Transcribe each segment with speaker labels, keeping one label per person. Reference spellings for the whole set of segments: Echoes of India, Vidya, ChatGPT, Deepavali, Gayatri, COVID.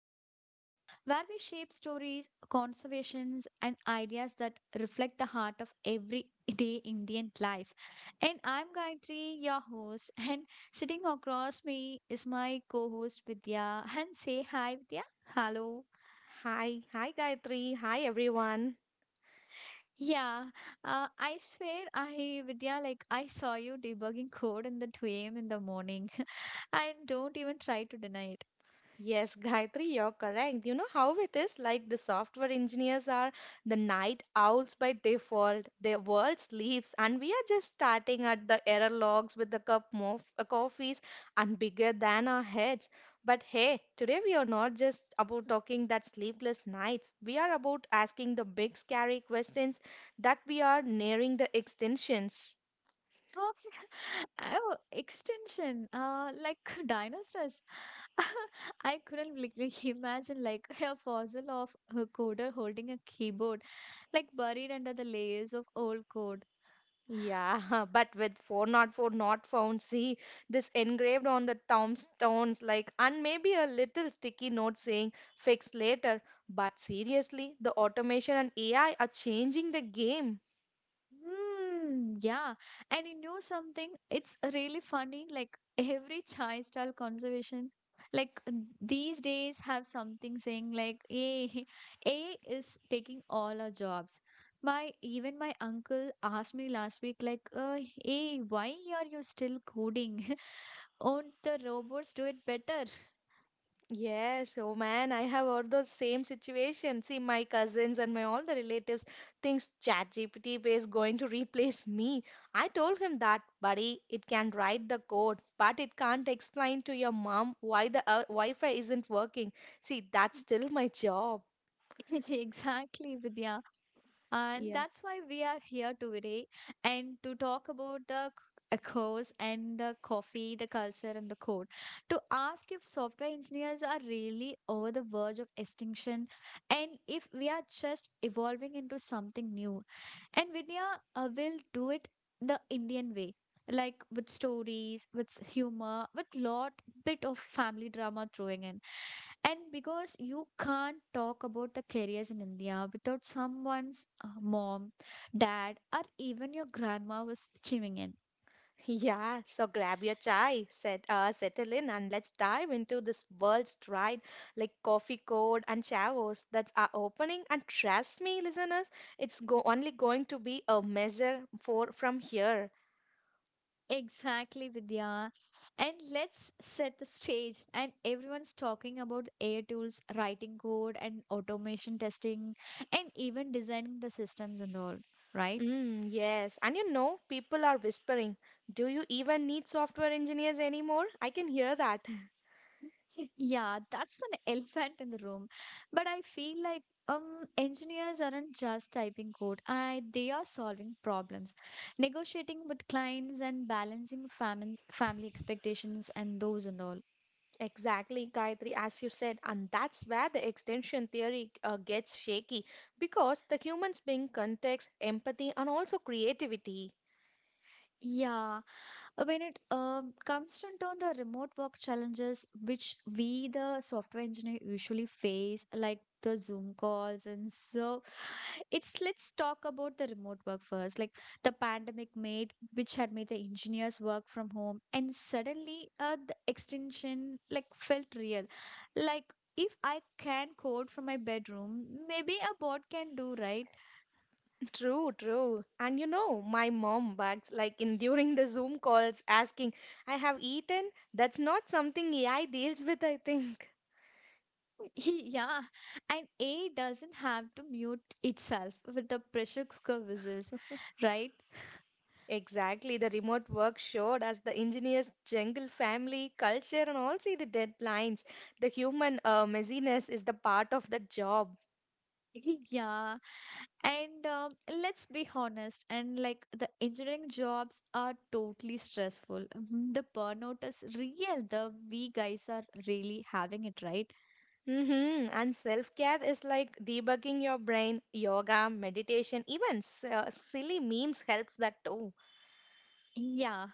Speaker 1: of India, where we shape stories, conservations, and ideas that reflect the heart of everyday Indian life. And I'm Gayatri, your host, and sitting across me is my co host Vidya. And say hi, Vidya. Hello.
Speaker 2: Hi, hi Gayatri, hi everyone.
Speaker 1: Yeah, I swear, I, Vidya, like I saw you debugging code in the 2 a.m. in the morning, and don't even try to deny it.
Speaker 2: Yes, Gayatri, you're correct. You know how it is like the software engineers are the night owls by default. Their world sleeps, and we are just starting at the error logs with a cup of coffees and bigger than our heads. But hey, today we are not just about talking that sleepless nights. We are about asking the big scary questions that we are nearing the extensions.
Speaker 1: So, oh, extension, like dinosaurs. I couldn't imagine like a fossil of a coder holding a keyboard, like buried under the layers of old code.
Speaker 2: Yeah, but with 404 not found, see this engraved on the tombstones, like, and maybe a little sticky note saying fix later. But seriously, the automation and AI are changing the game.
Speaker 1: Yeah. And you know something? It's really funny. Like every chai style conservation, like these days have something saying like A A is taking all our jobs. My even my uncle asked me last week, hey, why are you still coding? Won't the robots do it better?
Speaker 2: Yes, oh man, I have heard those same situation. See, my cousins and my all the relatives thinks ChatGPT is going to replace me. I told him that, buddy, it can write the code, but it can't explain to your mom why the Wi-Fi isn't working. See, that's still my job.
Speaker 1: Exactly, Vidya. And
Speaker 2: Yeah.
Speaker 1: that's why we are here today and to talk about the course and the coffee, the culture and the code. To ask if software engineers are really over the verge of extinction and if we are just evolving into something new. And Vidya will do it the Indian way. Like with stories, with humor, with lot bit of family drama throwing in. And because you can't talk about the careers in India without someone's mom, dad, or even your grandma was chiming in.
Speaker 2: Yeah, so grab your chai, settle in, and let's dive into this world's tried like coffee code and chavos that's our opening. And trust me, listeners, it's go only going to be a measure for from here.
Speaker 1: Exactly, Vidya. And let's set the stage. And everyone's talking about AI tools, writing code, and automation testing, and even designing the systems and all, right?
Speaker 2: Mm, yes, and you know, people are whispering, do you even need software engineers anymore? I can hear that.
Speaker 1: Yeah, that's an elephant in the room. But I feel like engineers aren't just typing code. I they are solving problems, negotiating with clients and balancing family expectations and those and all.
Speaker 2: Exactly, Gayatri, as you said, and that's where the extension theory gets shaky because the humans bring context, empathy, and also creativity.
Speaker 1: Yeah. When it comes down to on the remote work challenges, which we, the software engineer, usually face, like the Zoom calls, and so it's let's talk about the remote work first. Like the pandemic made, which had made the engineers work from home, and suddenly the extension like felt real. Like if I can code from my bedroom, maybe a bot can do, right?
Speaker 2: True, true. And you know, my mom bugs like in during the Zoom calls asking, I have eaten. That's not something AI deals with, I think.
Speaker 1: Yeah, and A doesn't have to mute itself with the pressure cooker whistles, right?
Speaker 2: Exactly, the remote work showed us the engineer's jungle family culture and also the deadlines. The human messiness is the part of the job.
Speaker 1: Yeah, and let's be honest, and like the engineering jobs are totally stressful. Mhm, the burnout is real. The we guys are really having it, right?
Speaker 2: Mm-hmm. And self-care is like debugging your brain, yoga, meditation, even silly memes helps that too.
Speaker 1: Yeah,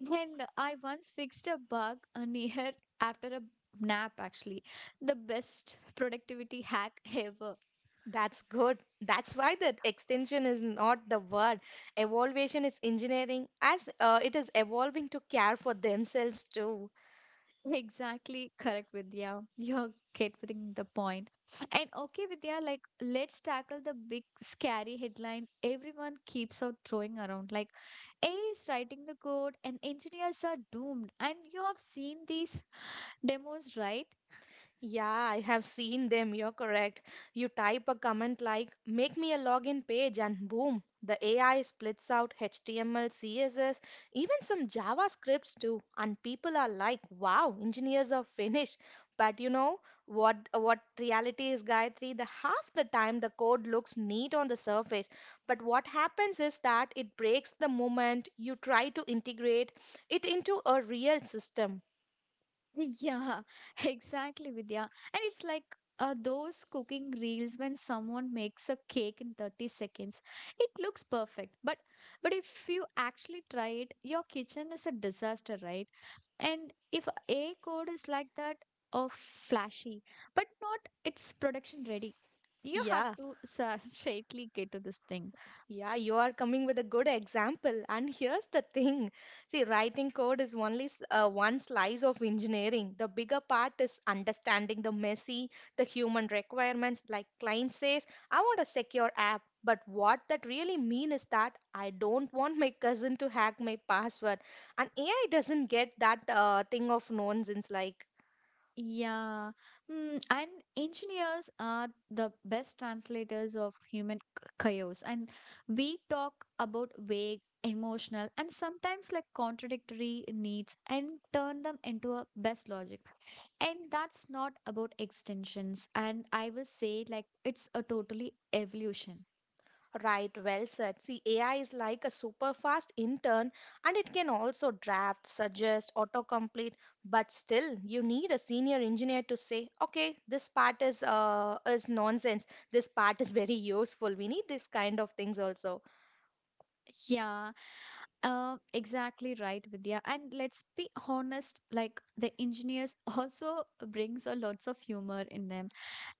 Speaker 1: and I once fixed a bug near after a nap. Actually, the best productivity hack ever.
Speaker 2: That's good. That's why that extension is not the word. Evolution is engineering as it is evolving to care for themselves too.
Speaker 1: Exactly correct, Vidya. You're getting the point. And okay, Vidya, like let's tackle the big scary headline everyone keeps out throwing around. Like AI is writing the code and engineers are doomed. And you have seen these demos, right?
Speaker 2: Yeah, I have seen them. You're correct. You type a comment like, make me a login page, and boom, the AI splits out HTML, CSS, even some JavaScripts too. And people are like, wow, engineers are finished. But you know what reality is, Gayatri? The half the time the code looks neat on the surface. But what happens is that it breaks the moment you try to integrate it into a real system.
Speaker 1: Yeah, exactly, Vidya. And it's like those cooking reels when someone makes a cake in 30 seconds. It looks perfect, but if you actually try it, your kitchen is a disaster, right? And if A code is like that of flashy, but not it's production ready, you have
Speaker 2: Yeah.
Speaker 1: to straightly get to this thing.
Speaker 2: Yeah, you are coming with a good example. And here's the thing. See, writing code is only one slice of engineering. The bigger part is understanding the messy, the human requirements. Like client says, I want a secure app. But what that really mean is that I don't want my cousin to hack my password. And AI doesn't get that thing of nonsense like.
Speaker 1: Yeah. And engineers are the best translators of human chaos. And we talk about vague, emotional, and sometimes like contradictory needs and turn them into a best logic. And that's not about extensions. And I will say, like, it's a totally evolution.
Speaker 2: Right, well said. See, AI is like a super fast intern and it can also draft, suggest, autocomplete, but still you need a senior engineer to say, okay, this part is nonsense. This part is very useful. We need this kind of things also.
Speaker 1: Yeah, exactly right, Vidya. And let's be honest, like the engineers also brings a lots of humor in them.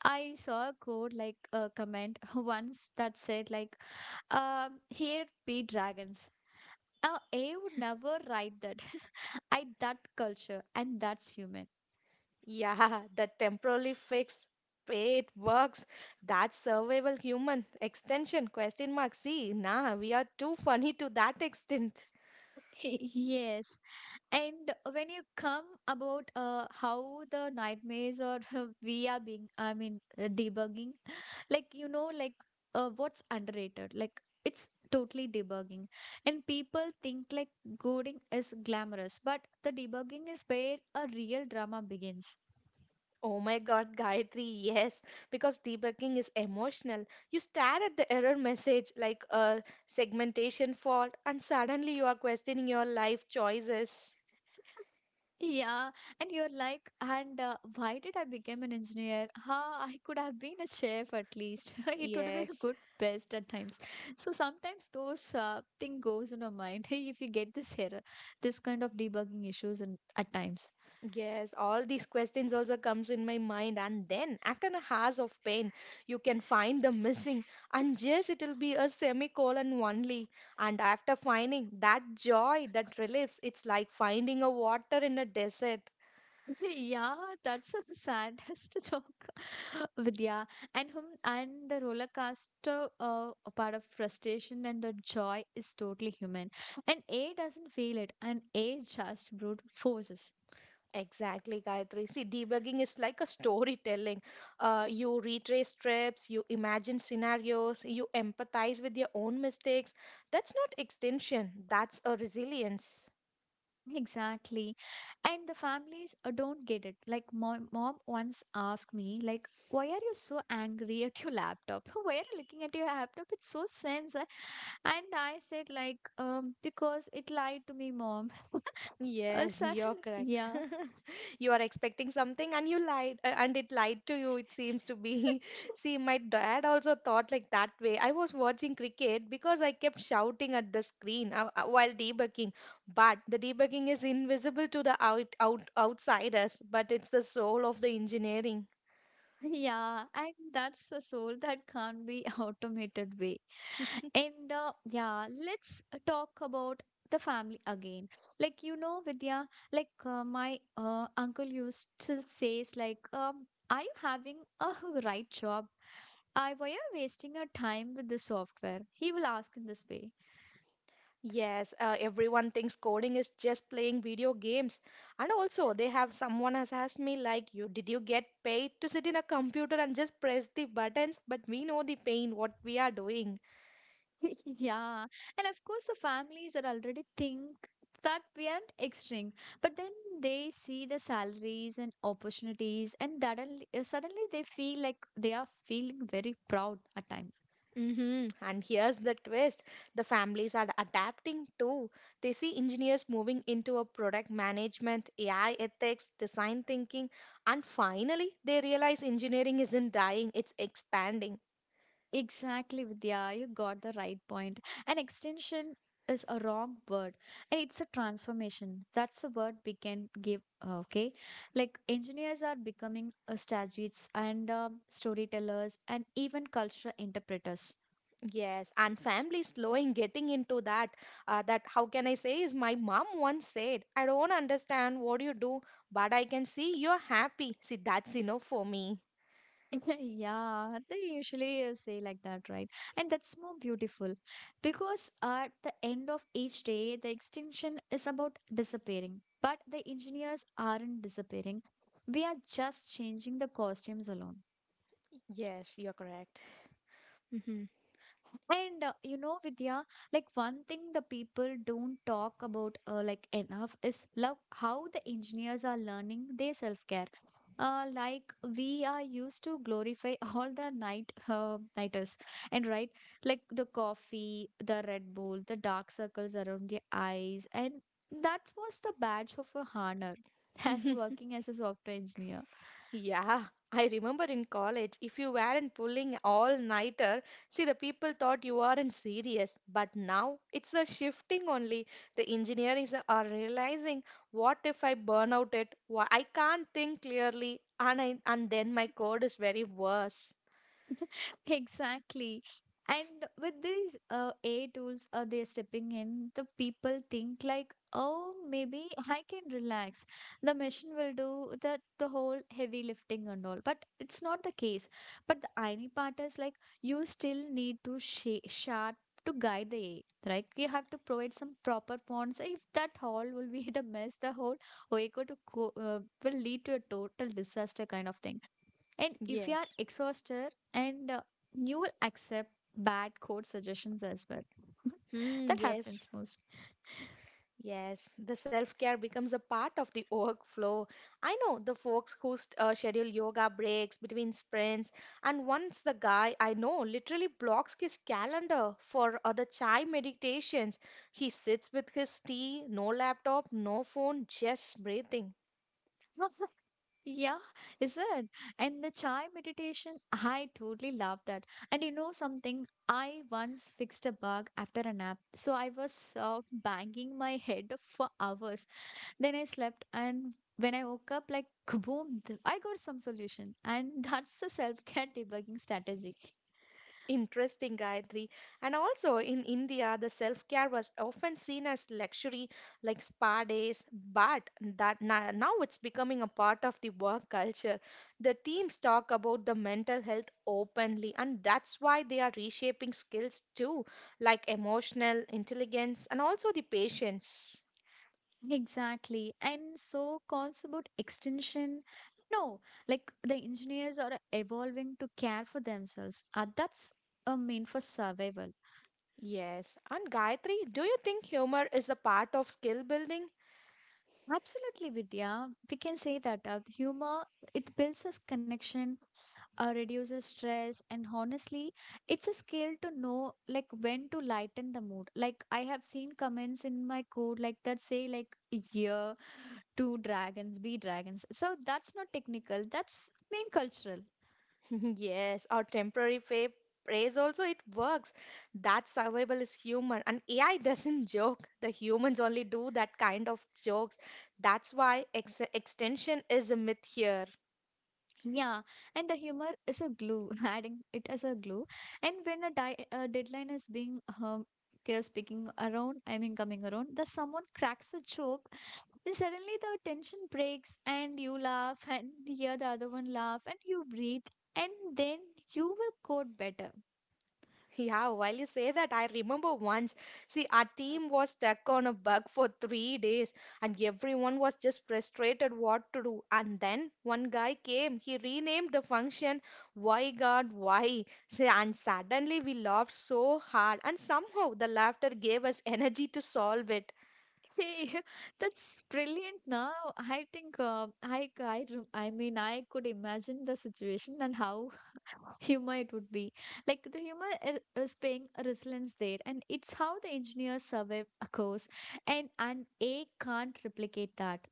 Speaker 1: I saw a quote like a comment once that said like, here be dragons. A would never write that. I that culture and that's human.
Speaker 2: Yeah, the temporarily fix paid works. That's survival human extension question mark. See, nah, we are too funny to that extent.
Speaker 1: Yes, and when you come about how the nightmares or we are being, I mean, debugging, like you know like what's underrated like it's totally debugging and people think like coding is glamorous but the debugging is where a real drama begins.
Speaker 2: Oh my God, Gayatri, yes, because debugging is emotional. You stare at the error message like a segmentation fault, and suddenly you are questioning your life choices.
Speaker 1: Yeah, and you're like and why did I become an engineer? Ha! I could have been a chef at least. It would be a
Speaker 2: Yes,
Speaker 1: good best at times. So sometimes those thing goes in our mind. If you get this error, this kind of debugging issues and at times.
Speaker 2: yes, all these questions also comes in my mind, and then after a hours of pain, you can find the missing, and yes, it'll be a semicolon only. And after finding that joy, that relieves, it's like finding a water in a desert.
Speaker 1: Yeah, that's a saddest joke, Vidya. And the roller coaster, a part of frustration and the joy is totally human. And A doesn't feel it, and A just brute forces.
Speaker 2: Exactly, Gayatri. See, debugging is like a storytelling. You retrace trips, you imagine scenarios, you empathize with your own mistakes. That's not extinction, that's a resilience.
Speaker 1: Exactly. And the families don't get it. Like my mom once asked me, like, why are you so angry at your laptop? Why are you looking at your laptop? It's so sense. And I said, like, because it lied to me, mom.
Speaker 2: Yes, you're
Speaker 1: Suddenly,
Speaker 2: correct.
Speaker 1: yeah.
Speaker 2: You are expecting something and you lied, and it lied to you, it seems to be. See, my dad also thought like that way. I was watching cricket because I kept shouting at the screen while debugging, but the debugging is invisible to the outsiders, but it's the soul of the engineering.
Speaker 1: Yeah, and that's the soul that can't be automated way. And yeah, let's talk about the family again. Like you know, Vidya, like my uncle used to says like, "Are you having a right job? I why are you wasting your time with the software?" He will ask in this way.
Speaker 2: Yes, everyone thinks coding is just playing video games. And also, they have someone has asked me like, "You did you get paid to sit in a computer and just press the buttons?" But we know the pain what we are doing.
Speaker 1: Yeah, and of course, the families are already think that we aren't extreme, but then they see the salaries and opportunities, and suddenly they feel like they are feeling very proud at times.
Speaker 2: Hmm. And here's the twist: the families are adapting too. They see engineers moving into a product management, AI ethics, design thinking, and finally, they realize engineering isn't dying; it's expanding.
Speaker 1: Exactly, Vidya, you got the right point. An extension is a wrong word, and it's a transformation. That's the word we can give. Okay, like engineers are becoming strategists and storytellers, and even cultural interpreters.
Speaker 2: Yes, and family slowing getting into that. That how can I say is my mom once said, I don't understand what you do, but I can see you're happy. See, that's enough for me.
Speaker 1: Yeah, they usually say like that, right? And that's more beautiful because at the end of each day, the extinction is about disappearing. But the engineers aren't disappearing. We are just changing the costumes alone.
Speaker 2: Yes, you're correct.
Speaker 1: And you know, Vidya, like one thing the people don't talk about like enough is love how the engineers are learning their self-care. Like we are used to glorify all the night nighters and right like the coffee, the Red Bull, the dark circles around the eyes, and that was the badge of a honor as
Speaker 2: Hmm.
Speaker 1: working as a software engineer.
Speaker 2: Yeah, I remember in college, if you weren't pulling all-nighter, see the people thought you were not serious. But now it's a shifting only. The engineers are realizing, what if I burn out it? Why I can't think clearly, and then my code is very worse.
Speaker 1: Exactly. And with these AI tools, they're stepping in, the people think like, oh, maybe I can relax. The machine will do The whole heavy lifting and all. But it's not the case. But the irony part is like, you still need to sharp to guide the AI, right? You have to provide some proper fonts. If that all will be the mess, the whole OECO to will lead to a total disaster kind of thing. And if you are
Speaker 2: Yes.
Speaker 1: exhausted, and you will accept bad code suggestions as well.
Speaker 2: Hmm,
Speaker 1: That happens
Speaker 2: yes.
Speaker 1: most.
Speaker 2: Yes, the self-care becomes a part of the workflow. I know the folks who schedule yoga breaks between sprints, and once the guy I know literally blocks his calendar for other chai meditations. He sits with his tea, no laptop, no phone, just breathing.
Speaker 1: Yeah, is it? And the chai meditation, I totally love that. And you know something? I once fixed a bug after a nap. So I was banging my head for hours. Then I slept, and when I woke up, like kaboom, I got some solution. And that's the self care debugging strategy.
Speaker 2: Interesting, Gayatri. And also in India, the self-care was often seen as luxury, like spa days, but now it's becoming a part of the work culture. The teams talk about the mental health openly, and that's why they are reshaping skills too, like emotional intelligence and also the patience.
Speaker 1: Exactly. And so calls about extinction. No, like the engineers are evolving to care for themselves. That's a mean for survival.
Speaker 2: Yes. And Gayatri, do you think humor is a part of skill building?
Speaker 1: Absolutely, Vidya. We can say that humor it builds us connection, reduces stress, and honestly, it's a skill to know like when to lighten the mood. Like I have seen comments in my code like that say like yeah two dragons be dragons, so that's not technical, that's main cultural.
Speaker 2: Yes, or praise also it works. That survival is human and AI doesn't joke. The humans only do that kind of jokes. That's why ex extension is a myth here.
Speaker 1: Yeah, and the humor is a glue. Adding it as a glue. And when a, a deadline is being they're speaking around, I mean coming around. The someone cracks a joke, then suddenly the tension breaks and you laugh and hear the other one laugh and you breathe, and then you will code better.
Speaker 2: Yeah, while you say that, I remember once, see, our team was stuck on a bug for 3 days, and everyone was just frustrated what to do. And then one guy came, he renamed the function Why God Why. See, and suddenly we laughed so hard, and somehow the laughter gave us energy to solve it.
Speaker 1: Hey, that's brilliant now. I think I mean, I could imagine the situation and how humor it would be. Like the humor is paying a resilience there, and it's how the engineers survive a course, and A can't replicate that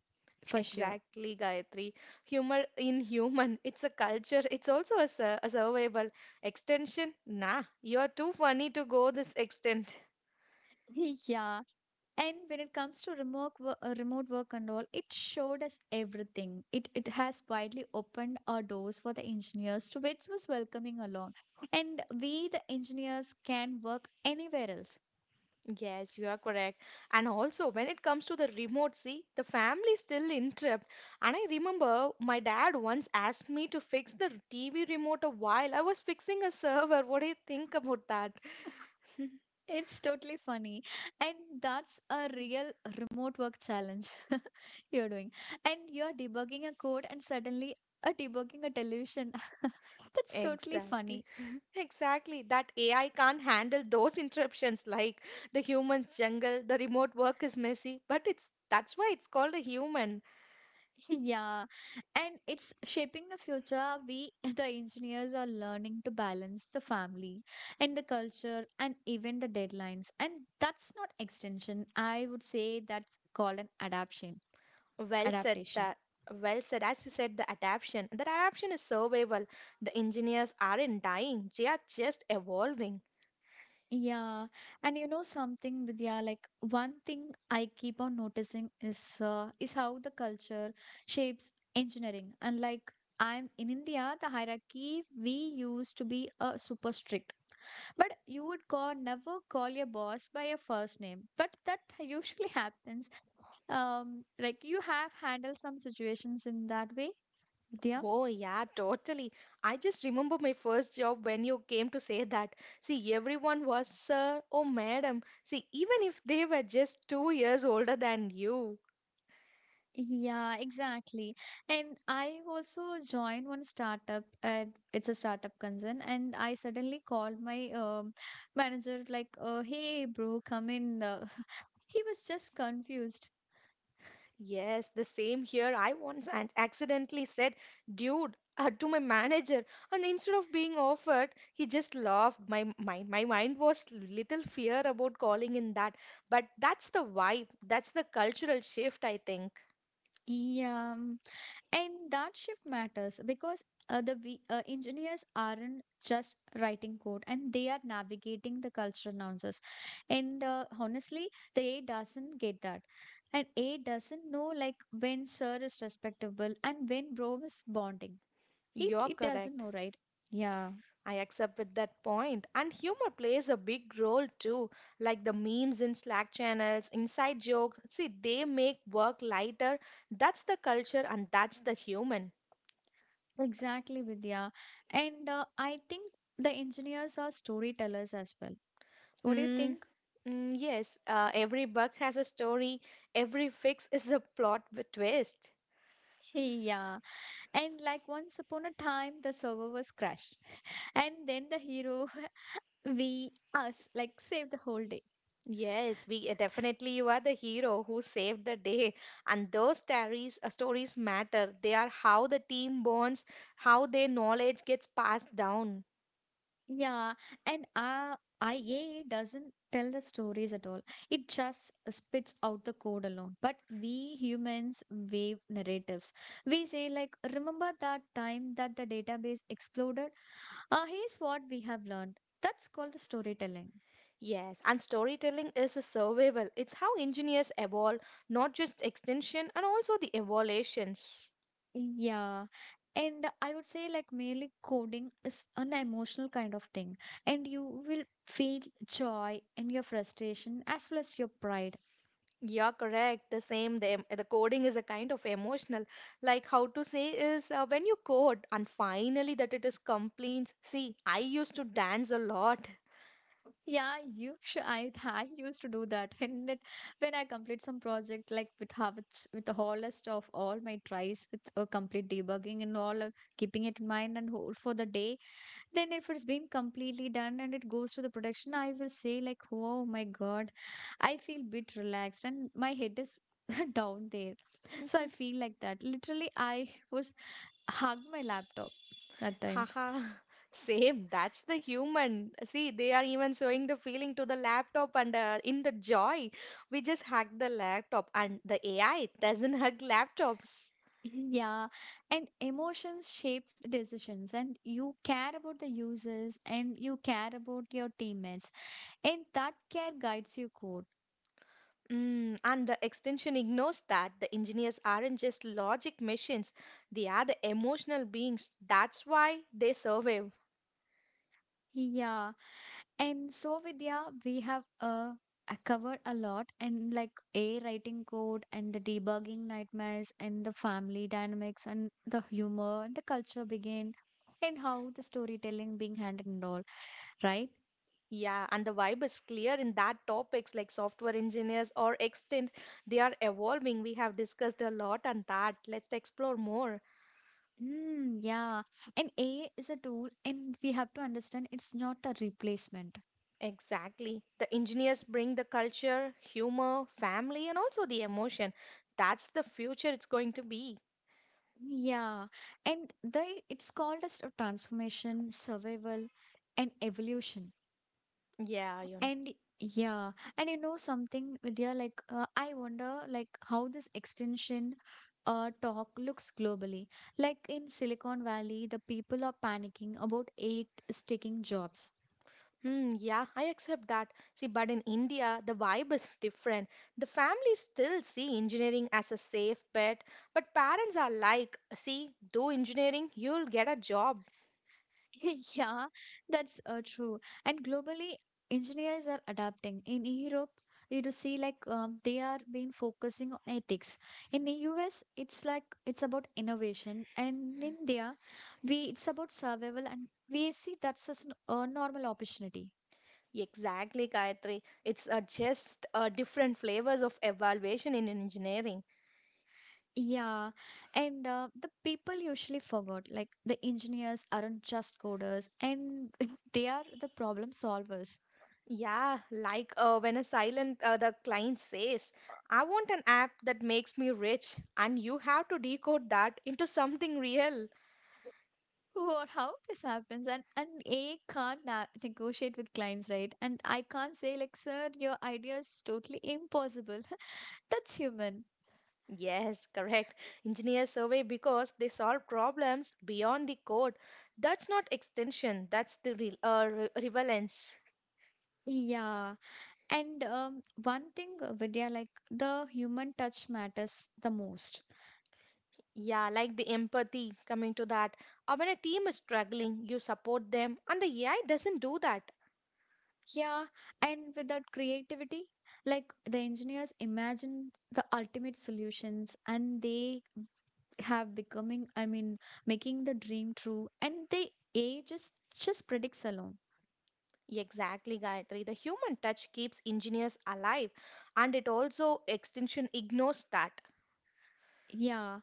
Speaker 1: for sure.
Speaker 2: Exactly, Gayatri. Humor in human, it's a culture, it's also a survival extension. Nah, you're too funny to go this extent.
Speaker 1: Yeah, and when it comes to remote work and all, it showed us everything. It has widely opened our doors for the engineers to which was welcoming along. And we the engineers can work anywhere else.
Speaker 2: Yes, you are correct. And also, when it comes to the remote, see, the family still interrupt. And I remember my dad once asked me to fix the TV remote a while I was fixing a server. What do you think about that?
Speaker 1: It's totally funny. And that's a real remote work challenge you're doing. And you're debugging a code and suddenly a debugging a delusion. That's totally
Speaker 2: Exactly.
Speaker 1: funny.
Speaker 2: Exactly. That AI can't handle those interruptions like the human's jungle, the remote work is messy, but it's that's why it's called a human.
Speaker 1: Yeah, and it's shaping the future. We, the engineers, are learning to balance the family and the culture and even the deadlines. And that's not extension. I would say that's called an adaptation.
Speaker 2: Well said
Speaker 1: Adaptation.
Speaker 2: that. Well said. As you said, the adaptation. That adaptation is survival. The engineers aren't dying, they are just evolving.
Speaker 1: Yeah, and you know something, Vidya, like one thing I keep on noticing is how the culture shapes engineering. And like I'm in India, the hierarchy we used to be super strict. But you would call never call your boss by your first name. But that usually happens. Like you have handled some situations in that way, Vidya.
Speaker 2: Oh, yeah, totally. I just remember my first job when you came to say that. See, everyone was sir or madam. See, even if they were just 2 years older than you.
Speaker 1: Yeah, exactly. And I also joined one startup and it's a startup concern and I suddenly called my manager like, hey bro, come in. He was just confused.
Speaker 2: Yes, the same here. I accidentally said, dude, to my manager, and instead of being offered, he just laughed. My mind was little fear about calling in that, but that's the vibe, that's the cultural shift, I think.
Speaker 1: Yeah. And that shift matters because engineers aren't just writing code and they are navigating the cultural nuances. And honestly, the A I doesn't get that. And A I doesn't know like when sir is respectable and when bro is bonding. It,
Speaker 2: You're
Speaker 1: it doesn't
Speaker 2: correct.
Speaker 1: know, right? Yeah,
Speaker 2: I accept with that point. And humor plays a big role too, like the memes in Slack channels, inside jokes. See, they make work lighter. That's the culture and that's the human.
Speaker 1: exactly, Vidya. And I think the engineers are storytellers as well. What do you
Speaker 2: Mm,
Speaker 1: think?
Speaker 2: mm, yes, every bug has a story. Every fix is a plot with twist.
Speaker 1: Yeah. And like once upon a time, the server was crashed. And then the hero, we, us, like save the whole day.
Speaker 2: Yes, we definitely you are the hero who saved the day, and those stories matter. They are how the team bonds, how their knowledge gets passed down.
Speaker 1: Yeah. And IA doesn't tell the stories at all. It just spits out the code alone. But we humans wave narratives. We say, like, remember that time that the database exploded? Here's what we have learned. That's called the storytelling.
Speaker 2: Yes, and storytelling is a survival. It's how engineers evolve, not just extension, and also the evolutions.
Speaker 1: Yeah. And I would say like merely coding is an emotional kind of thing. And you will feel joy and your frustration as well as your pride.
Speaker 2: You're correct. The same, the, em- The coding is a kind of emotional. Like how to say is when you code and finally that it is complete. See, I used to dance a lot.
Speaker 1: Yeah, you should. I, I used to do that when that when I complete some project like with have with the whole list of all my tries with a complete debugging and all keeping it in mind and whole for the day, then if it's been completely done and it goes to the production, I will say like, oh my god, I feel bit relaxed and my head is down there. So I feel like that literally I was hug my laptop at times.
Speaker 2: Haha, same. That's the human. See, they are even showing the feeling to the laptop and in the joy. We just hug the laptop and the AI doesn't hug laptops.
Speaker 1: Yeah, and emotions shapes decisions and you care about the users and you care about your teammates, and that care guides your code.
Speaker 2: Mm, and the extension ignores that the engineers aren't just logic machines, they are the emotional beings. That's why they survive.
Speaker 1: Yeah. And so, Vidya, we have covered a lot, and like A writing code and the debugging nightmares and the family dynamics and the humor, the culture began and how the storytelling being handled and all, right?
Speaker 2: Yeah, and the vibe is clear in that topics like software engineers or extent, they are evolving. We have discussed a lot on that. Let's explore more.
Speaker 1: Mm, yeah. And A is a tool and we have to understand it's not a replacement.
Speaker 2: Exactly. The engineers bring the culture, humor, family, and also the emotion. That's the future it's going to be.
Speaker 1: Yeah. And they it's called as a transformation, survival, and evolution.
Speaker 2: Yeah, Yun.
Speaker 1: And yeah, and you know something, Vidya, like I wonder like how this extension talk looks globally. Like in Silicon Valley, the people are panicking about eight sticking jobs.
Speaker 2: Hmm, yeah, I accept that. See, but in India, the vibe is different. The families still see engineering as a safe bet, but parents are like, see, do engineering, you'll get a job.
Speaker 1: Yeah, that's true. And globally, engineers are adapting. In Europe, you do see like they are been focusing on ethics. In the US, it's like it's about innovation, and in India, we it's about survival, and we see that's as a normal opportunity.
Speaker 2: Exactly, Gayatri. It's just different flavors of evaluation in engineering.
Speaker 1: Yeah, and the people usually forgot like the engineers aren't just coders, and they are the problem solvers.
Speaker 2: Yeah, like when a silent the client says, "I want an app that makes me rich," and you have to decode that into something real.
Speaker 1: What, how this happens? And A can't na negotiate with clients, right? And I can't say like, sir, your idea is totally impossible. That's human.
Speaker 2: Yes, correct. Engineers survey because they solve problems beyond the code. That's not extension, that's the relevance.
Speaker 1: Yeah. And one thing, Vidya, like the human touch matters the most.
Speaker 2: Yeah, like the empathy coming to that. Or when a team is struggling, you support them, and the AI doesn't do that.
Speaker 1: Yeah. And without creativity, like the engineers imagine the ultimate solutions, and they have becoming, I mean, making the dream true, and they A just predicts alone.
Speaker 2: Exactly, Gayatri. The human touch keeps engineers alive, and it also extension ignores that.
Speaker 1: Yeah.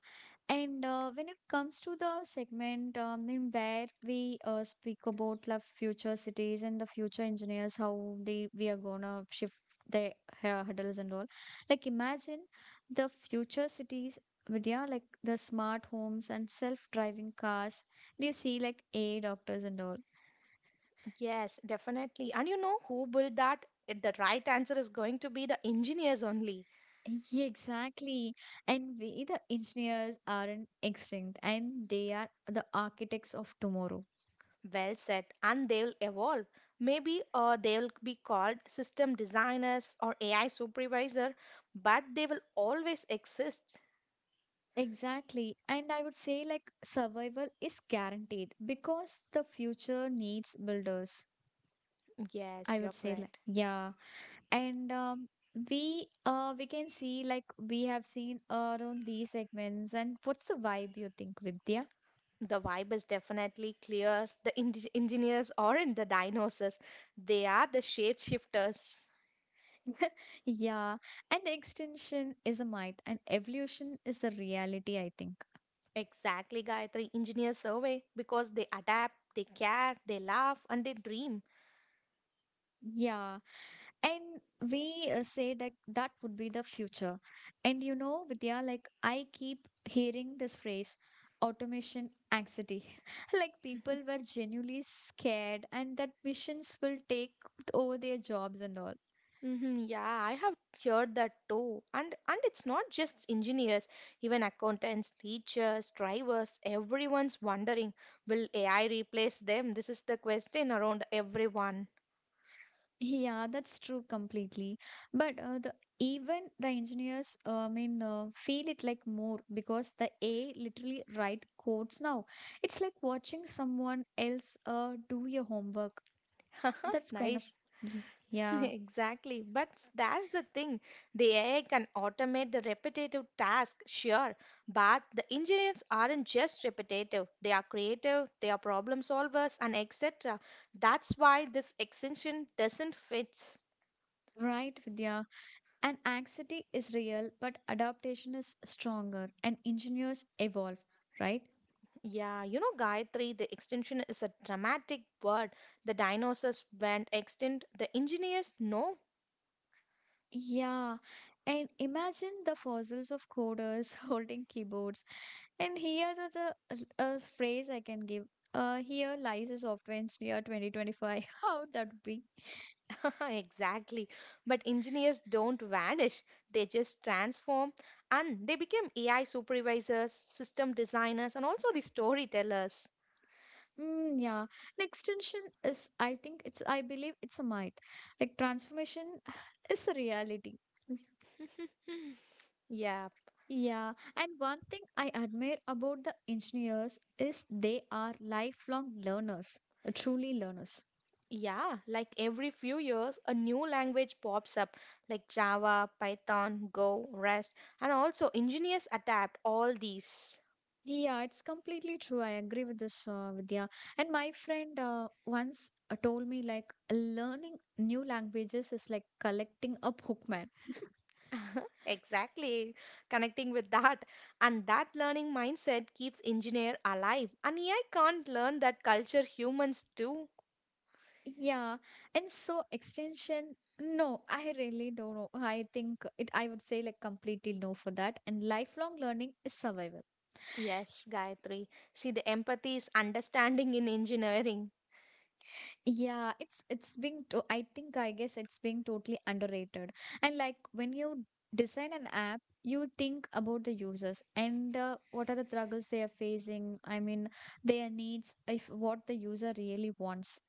Speaker 1: And when it comes to the segment in where we speak about the future cities and the future engineers, how they we are gonna shift their hair hurdles and all. Like imagine the future cities, Vidya, like the smart homes and self-driving cars. Do you see like AI doctors and all?
Speaker 2: Yes, definitely. And you know who built that? The right answer is going to be the engineers only.
Speaker 1: Yeah, exactly. And we, the engineers, aren't extinct, and they are the architects of tomorrow.
Speaker 2: Well said. And they'll evolve. Maybe they'll be called system designers or AI supervisor, but they will always exist.
Speaker 1: Exactly. And I would say like survival is guaranteed because the future needs builders.
Speaker 2: Yes,
Speaker 1: I would
Speaker 2: you're
Speaker 1: say like
Speaker 2: correct.
Speaker 1: yeah. And we can see like we have seen around these segments and what's the vibe you think, Vidya?
Speaker 2: The vibe is definitely clear. The engineers are in the dinosaurs, they are the shapeshifters.
Speaker 1: Yeah. And the extension is a myth and evolution is the reality, I think.
Speaker 2: Exactly, Gayatri. Engineers survey because they adapt, they care, they laugh, and they dream.
Speaker 1: Yeah. And we say that that would be the future. And you know, Vidya, like I keep hearing this phrase, automation anxiety. Like people were genuinely scared and that machines will take over their jobs and all.
Speaker 2: Hmm yeah, I have heard that too. And it's not just engineers, even accountants, teachers, drivers, everyone's wondering, will AI replace them? This is the question around everyone.
Speaker 1: Yeah, that's true completely. But the even the engineers feel it like more because the AI literally write codes now. It's like watching someone else do your homework. That's kind of,
Speaker 2: Nice.
Speaker 1: y- yeah,
Speaker 2: Exactly. But that's the thing. The AI can automate the repetitive task, sure, but the engineers aren't just repetitive. They are creative, they are problem solvers, and etc. That's why this extension doesn't fit.
Speaker 1: right, Vidya. And anxiety is real, but adaptation is stronger, and engineers evolve, right?
Speaker 2: Yeah, you know, Gayatri, the extinction is a dramatic word. The dinosaurs went extinct. The engineers, no.
Speaker 1: Yeah. And imagine the fossils of coders holding keyboards. And here are the phrase I can give. Here lies a software engineer 2025. How would that be?
Speaker 2: Exactly. But engineers don't vanish, they just transform and they became AI supervisors, system designers, and also the storytellers.
Speaker 1: Mm, yeah. An extension is, I think it's, I believe it's a myth. Like transformation is a reality.
Speaker 2: Yeah,
Speaker 1: Yeah, and one thing I admire about the engineers is they are lifelong learners, truly learners.
Speaker 2: yeah, like every few years, a new language pops up, like Java, Python, Go, REST, and also engineers adapt all these.
Speaker 1: Yeah, it's completely true. I agree with this, Vidya. And my friend once told me like learning new languages is like collecting a Pokemon.
Speaker 2: Exactly, connecting with that. And that learning mindset keeps engineer alive. And AI can't learn that culture humans do.
Speaker 1: Yeah, and so extension. No, I really don't know. I think it. I would say like completely no for that. And lifelong learning is survival.
Speaker 2: Yes, Gayatri. See, the empathy is understanding in engineering.
Speaker 1: Yeah, it's being to I think I guess it's being totally underrated. And like when you design an app, you think about the users and what are the struggles they are facing. I mean, their needs, if what the user really wants.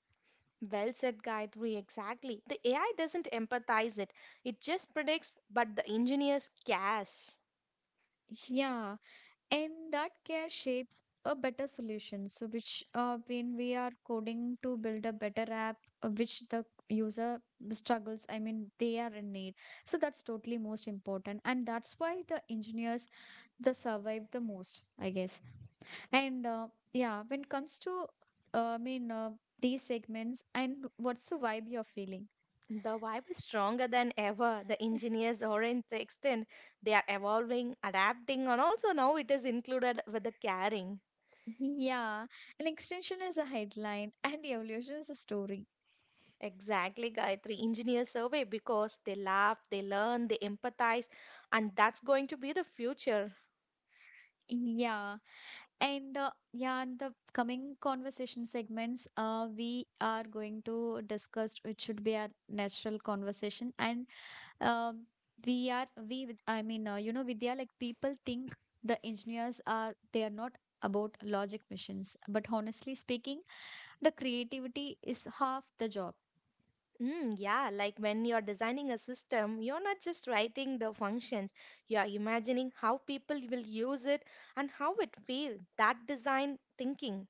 Speaker 2: Well said, Gayatri, exactly. The AI doesn't empathize it, it just predicts, but the engineers guess.
Speaker 1: Yeah, and that care shapes a better solution. So which when we are coding to build a better app, which the user struggles, I mean, they are in need. So that's totally most important, and that's why the engineers the survive the most, I guess. And yeah, when it comes to uh, i mean uh, these segments and what's the vibe you're feeling?
Speaker 2: The vibe is stronger than ever. The engineers aren't the extent. They are evolving, adapting, and also now it is included with the caring.
Speaker 1: Yeah, an extension is a headline, and evolution is a story.
Speaker 2: Exactly, Gayatri. Engineers survey because they laugh, they learn, they empathize, and that's going to be the future.
Speaker 1: Yeah, and yeah, in the coming conversation segments we are going to discuss it should be our natural conversation. And um, we are we you know, Vidya, like people think the engineers are they are not about logic machines, but honestly speaking, the creativity is half the job.
Speaker 2: Mm, yeah, like when you're designing a system, you're not just writing the functions, you are imagining how people will use it and how it feel. That design thinking.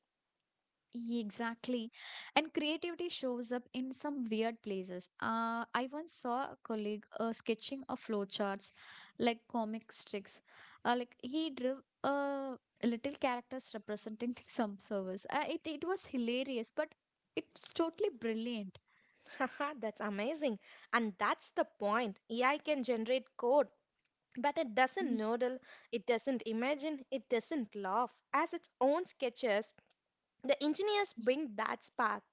Speaker 1: Exactly. And creativity shows up in some weird places. I once saw a colleague sketching a flowcharts like comic tricks, like he drew uh, little characters representing some service. It was hilarious but it's totally brilliant.
Speaker 2: Haha, that's amazing. And that's the point. AI can generate code, but it doesn't noodle, it doesn't imagine, it doesn't laugh. As its own sketches, the engineers bring that spark.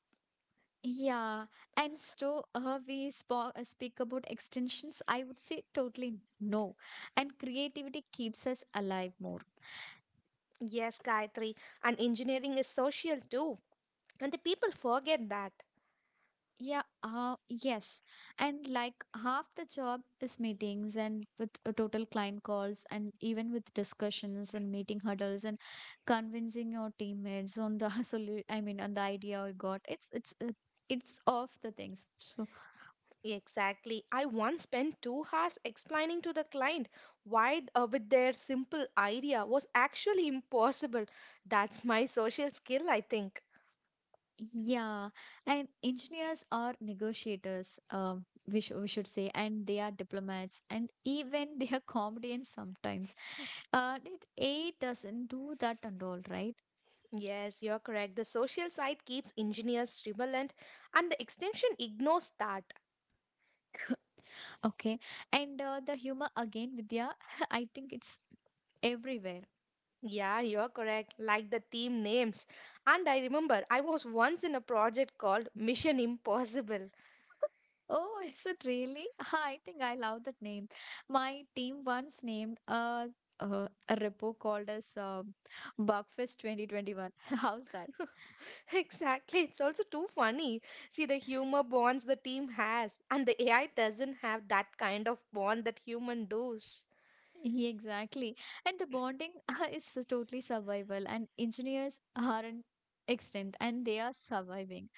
Speaker 1: Yeah, and so speak about extensions. I would say totally no. And creativity keeps us alive more.
Speaker 2: Yes, Gayatri, and engineering is social too, and the people forget that.
Speaker 1: Yeah, yes. And like half the job is meetings and with total client calls and even with discussions and meeting hurdles and convincing your teammates on the solu I mean, on the idea we got. It's of the things. So
Speaker 2: Exactly. I once spent two hours explaining to the client why, with their simple idea, was actually impossible. That's my social skill, I think.
Speaker 1: yeah, and engineers are negotiators, we should say, and they are diplomats, and even they are comedians sometimes. It A I doesn't do that and all, right?
Speaker 2: Yes, you're correct. The social side keeps engineers relevant, and the extension ignores that.
Speaker 1: Okay, and the humor again, Vidya, I think it's everywhere.
Speaker 2: Yeah, you're correct. Like the team names. And I remember I was once in a project called Mission Impossible.
Speaker 1: Oh, is it really? I think I love that name. My team once named a repo called as Bugfest 2021. How's that?
Speaker 2: Exactly. It's also too funny. See, the humor bonds the team has, and the AI doesn't have that kind of bond that human does.
Speaker 1: Yeah, exactly. And the bonding is so totally survival, and engineers aren't extinct and they are surviving.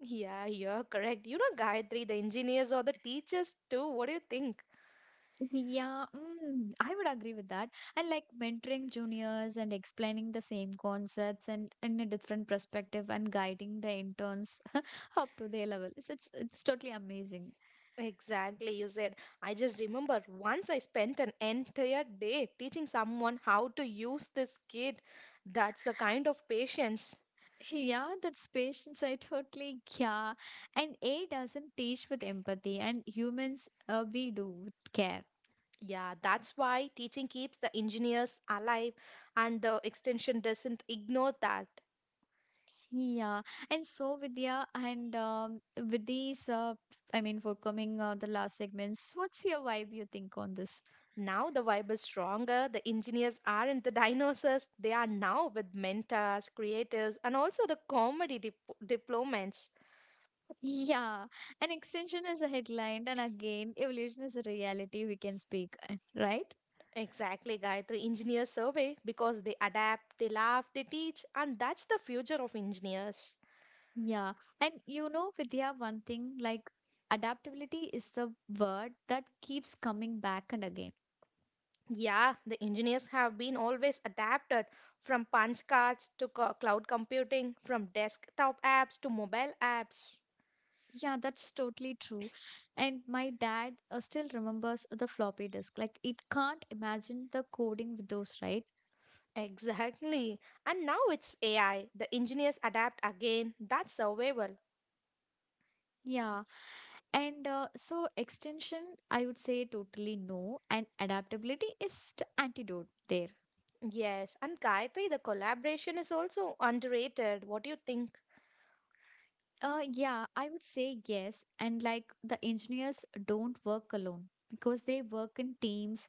Speaker 2: Yeah, you're correct. You know, Gayatri, the engineers or the teachers too. What do you think?
Speaker 1: Yeah, mm, I would agree with that. And like mentoring juniors and explaining the same concepts and in a different perspective and guiding the interns up to their level. It's totally amazing.
Speaker 2: Exactly, you said. I just remember once I spent an entire day teaching someone how to use this kit. That's a kind of patience.
Speaker 1: Yeah, that's patience. I totally yeah. And A doesn't teach with empathy, and humans we do with care.
Speaker 2: Yeah, that's why teaching keeps the engineers alive and the extension doesn't ignore that.
Speaker 1: Yeah, and so Vidya, and with these, I mean, for coming the last segments, what's your vibe you think on this?
Speaker 2: Now the vibe is stronger. The engineers aren't the dinosaurs. They are now with mentors, creatives, and also the comedy diplomats.
Speaker 1: Yeah, an extension is a headline, and again, evolution is a reality we can speak, eh, right?
Speaker 2: Exactly, Gayatri. Engineers survey because they adapt, they laugh, they teach, and that's the future of engineers.
Speaker 1: Yeah, and you know, Vidya, one thing like adaptability is the word that keeps coming back and again.
Speaker 2: Yeah, the engineers have been always adapted from punch cards to cloud computing, from desktop apps to mobile apps.
Speaker 1: Yeah, that's totally true. And my dad still remembers the floppy disk. Like, it can't imagine the coding with those, right?
Speaker 2: Exactly. And now it's AI. The engineers adapt again. That's survival.
Speaker 1: Yeah, and so extension, I would say totally no, and adaptability is the antidote there.
Speaker 2: Yes, and Gayatri, the collaboration is also underrated. What do you think?
Speaker 1: Yeah, I would say yes, and like the engineers don't work alone because they work in teams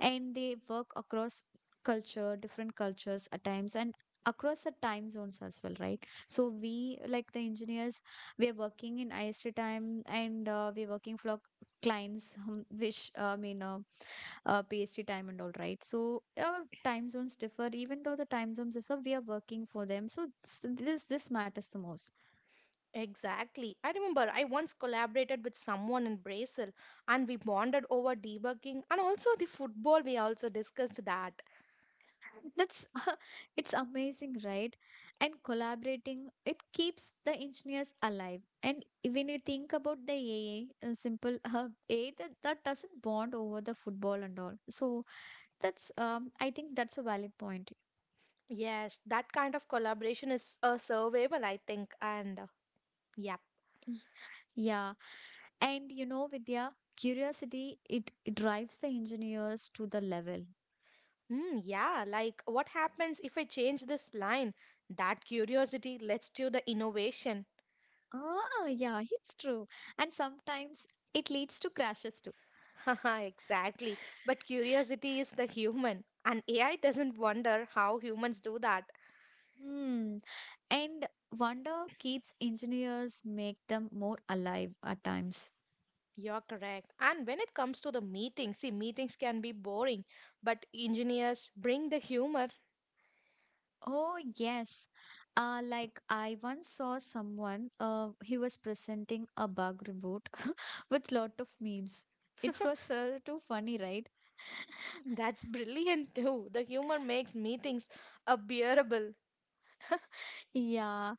Speaker 1: and they work across culture, different cultures at times, and across the time zones as well, right? So we like the engineers, we're working in IST time and we're working for clients, which I mean. PST time and all right. So our time zones differ, even though the time zones differ, we are working for them. This matters the most.
Speaker 2: Exactly. I remember I once collaborated with someone in Brazil and we bonded over debugging and also the football. We also discussed that.
Speaker 1: That's it's amazing, right? And collaborating it keeps the engineers alive. And when you think about the simple A that doesn't bond over the football and all. So that's I think that's a valid point.
Speaker 2: Yes, that kind of collaboration is survival, I think. Yeah,
Speaker 1: Y- Yeah, and you know, Vidya, curiosity it drives the engineers to the level.
Speaker 2: yeah, like what happens if I change this line? That curiosity leads to the innovation.
Speaker 1: Ah, yeah, it's true. And sometimes it leads to crashes too.
Speaker 2: Haha, exactly. But curiosity is the human, and AI doesn't wonder how humans do that.
Speaker 1: Hmm. And wonder keeps engineers make them more alive at times.
Speaker 2: You're correct. And when it comes to the meetings, see, meetings can be boring, but engineers bring the humor.
Speaker 1: Oh, yes. Like I once saw someone, he was presenting a bug report with lot of memes. It was too funny, right?
Speaker 2: That's brilliant too. The humor makes meetings bearable.
Speaker 1: Yeah.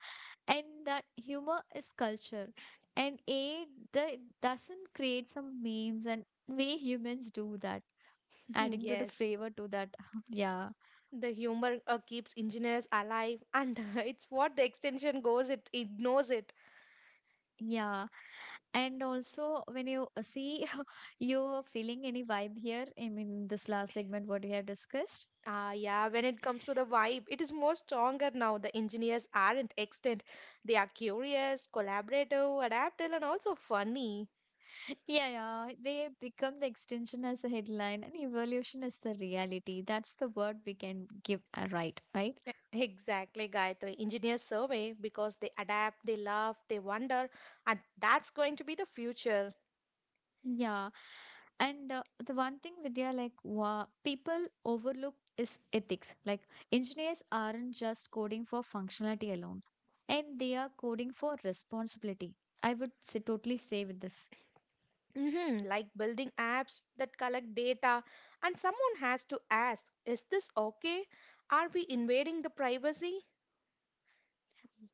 Speaker 1: And that humor is culture. And A, I the, doesn't create some memes and we humans do that, adding to the
Speaker 2: Yes,
Speaker 1: flavor to that. Yeah,
Speaker 2: the humor keeps engineers alive, and it's what the extension goes, it ignores it.
Speaker 1: yeah, and also when you see you're feeling any vibe here, I mean this last segment what we have discussed.
Speaker 2: Ah, yeah, when it comes to the vibe, it is more stronger now. The engineers aren't extant. They are curious, collaborative, adaptable, and also funny.
Speaker 1: Yeah, yeah, they become the extension as a headline and evolution is the reality, that's the word we can give, right, right.
Speaker 2: Exactly, Gayatri. Engineers survey because they adapt, they love, they wonder, and that's going to be the future.
Speaker 1: Yeah. And the one thing, Vidya, like wa people overlook is ethics. Like engineers aren't just coding for functionality alone, and they are coding for responsibility. I would say, totally say with this.
Speaker 2: Hmm, like building apps that collect data, and someone has to ask, is this okay? Are we invading the privacy?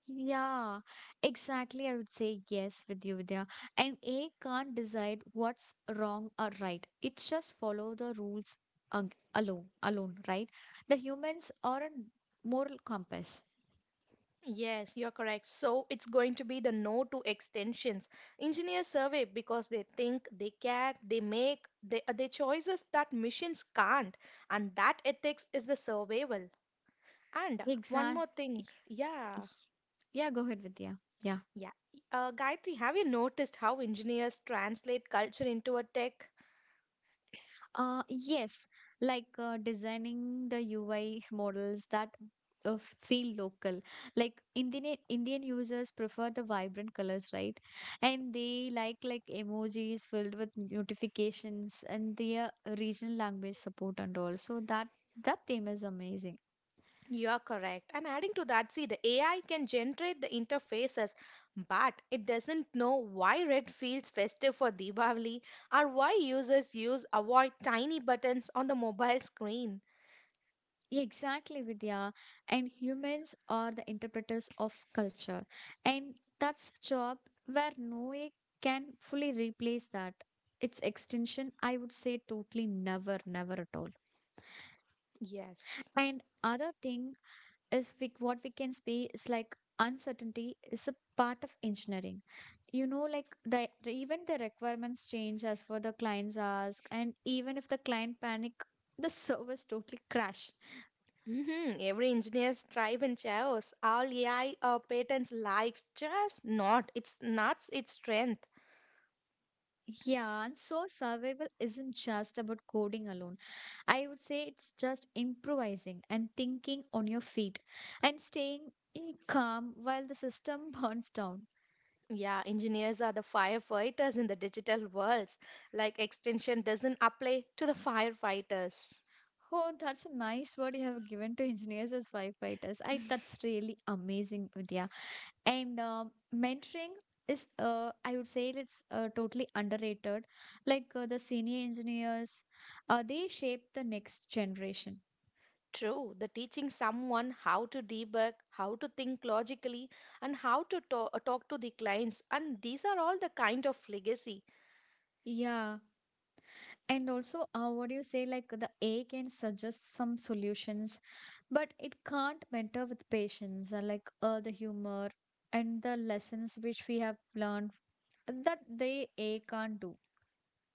Speaker 1: Yeah, exactly. I would say yes with you, Vidya. And A can't decide what's wrong or right. It just follow the rules alone, right? The humans are a moral compass.
Speaker 2: Yes, you're correct. So it's going to be the no to extensions. Engineers survey because they think, they care, they make, they, their choices that machines can't. And that ethics is the survival. And one
Speaker 1: Exactly.
Speaker 2: more thing, yeah,
Speaker 1: Yeah, go ahead, Vidya. Yeah.
Speaker 2: yeah. Gayatri, have you noticed how engineers translate culture into a tech?
Speaker 1: Yes, like designing the UI models that feel local. Like Indian users prefer the vibrant colors, right? And they like emojis filled with notifications and their regional language support and all. So that theme is amazing.
Speaker 2: You are correct. And adding to that, see, the AI can generate the interfaces, but it doesn't know why red feels festive for Deepavali or why users use avoid tiny buttons on the mobile screen.
Speaker 1: Yeah, exactly, Vidya. And humans are the interpreters of culture. And that's job where no AI can fully replace that. Its extension, I would say totally never, never at all.
Speaker 2: Yes.
Speaker 1: And other thing is we, what we can say is like uncertainty is a part of engineering. You know, like the even the requirements change as for the clients ask, and even if the client panic, the service totally crash.
Speaker 2: Hmm, every engineer thrive in chaos. All AI patents likes just not. It's not its strength.
Speaker 1: Yeah, and so survival isn't just about coding alone. I would say it's just improvising and thinking on your feet and staying calm while the system burns down.
Speaker 2: Yeah, engineers are the firefighters in the digital worlds. Like extension doesn't apply to the firefighters.
Speaker 1: Oh, that's a nice word you have given to engineers as firefighters. I that's really amazing, Vidya. And mentoring is, I would say it's totally underrated. Like the senior engineers, they shape the next generation.
Speaker 2: True, the teaching someone how to debug, how to think logically, and how to talk to the clients, and these are all the kind of legacy.
Speaker 1: Yeah. And also, what do you say? Like the A can suggest some solutions, but it can't mentor with patience, like the humor and the lessons which we have learned, that they A can't do.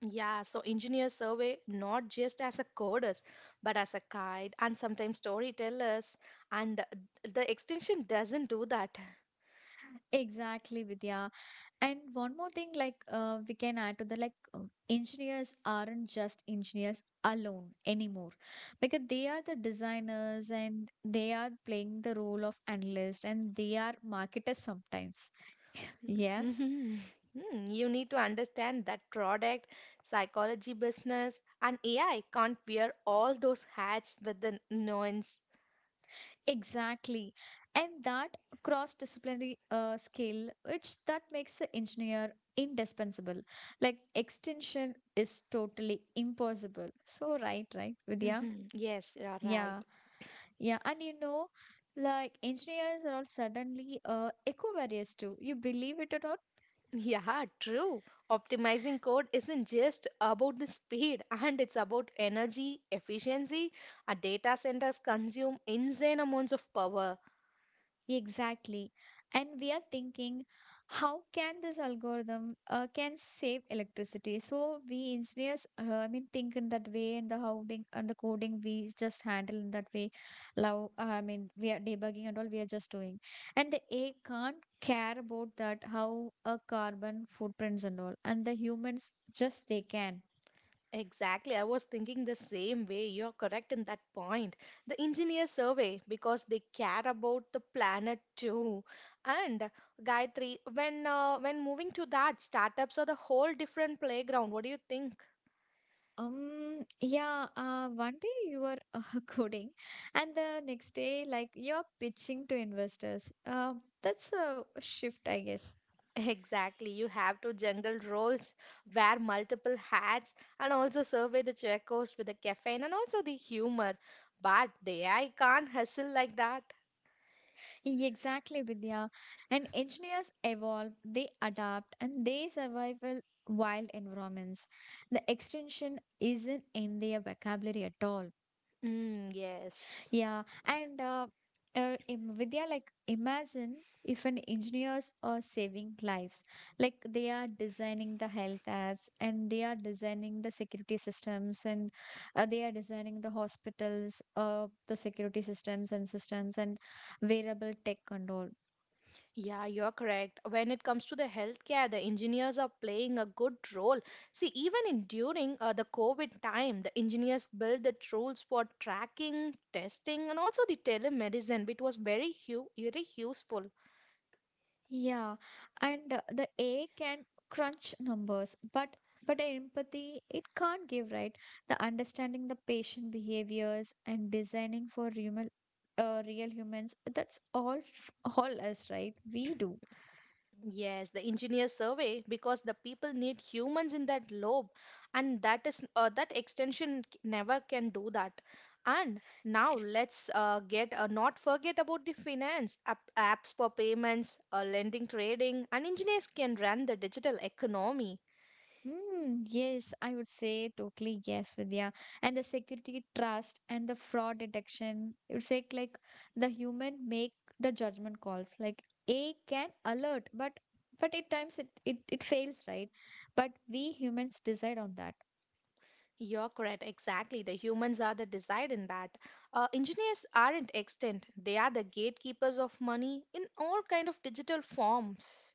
Speaker 2: Yeah, so engineers survey not just as a coders, but as a guide and sometimes storytellers, and the extension doesn't do that.
Speaker 1: Exactly, Vidya. And one more thing, like we can add to the like engineers aren't just engineers alone anymore, because they are the designers and they are playing the role of analyst and they are marketers sometimes. Yes.
Speaker 2: Mhm. Mm, you need to understand that product, psychology, business, and AI can't wear all those hats with the nuance.
Speaker 1: Exactly. And that cross-disciplinary skill, which that makes the engineer indispensable. Like extension is totally impossible. So right, right, Vidya?
Speaker 2: Mhm. Yes, you are
Speaker 1: Yeah,
Speaker 2: right.
Speaker 1: yeah. And you know, like engineers are all suddenly eco-various too. You believe it at all?
Speaker 2: Yeah, true. Optimizing code isn't just about the speed, and it's about energy efficiency. Our data centers consume insane amounts of power.
Speaker 1: Exactly. And we are thinking, how can this algorithm can save electricity? So we engineers, think in that way, and the coding we just handle in that way. Now, I mean, we are debugging and all we are just doing, and the AI can't care about that how a carbon footprints and all, and the humans just they can.
Speaker 2: Exactly, I was thinking the same way. You're correct in that point. The engineers survey because they care about the planet too. And Gayatri, when moving to that, startups are the whole different playground. What do you think?
Speaker 1: Yeah, one day you are coding, and the next day, like you're pitching to investors. That's a shift, I guess.
Speaker 2: Exactly. You have to juggle roles, wear multiple hats, and also survey the checkers with the caffeine and also the humor. But they, I can't hustle like that.
Speaker 1: Exactly, Vidya. And engineers evolve, they adapt, and they survive in wild environments. The extension isn't in their vocabulary at all.
Speaker 2: Mm, yes.
Speaker 1: Yeah, and Vidya, like imagine if an engineers are saving lives, like they are designing the health apps and they are designing the security systems and they are designing the hospitals, the security systems and systems and wearable tech and all.
Speaker 2: Yeah, you're correct. When it comes to the healthcare, the engineers are playing a good role. See, even in during the COVID time, the engineers built the tools for tracking, testing, and also the telemedicine, which was very useful.
Speaker 1: Yeah, and the A can crunch numbers, but empathy it can't give, right? The understanding the patient behaviors and designing for human, real humans, that's all us, right? We do.
Speaker 2: Yes, the engineer survey because the people need humans in that lobe, and that is that extension never can do that. And now let's get not forget about the finance apps for payments, lending, trading, and engineers can run the digital economy.
Speaker 1: Mm, yes, I would say totally yes, Vidya. And the security trust and the fraud detection, it would say like the human make the judgment calls. Like A can alert, but but at times it fails, right? But we humans decide on that.
Speaker 2: You're correct, exactly. The humans are the decide in that. Engineers aren't extinct; they are the gatekeepers of money in all kind of digital forms.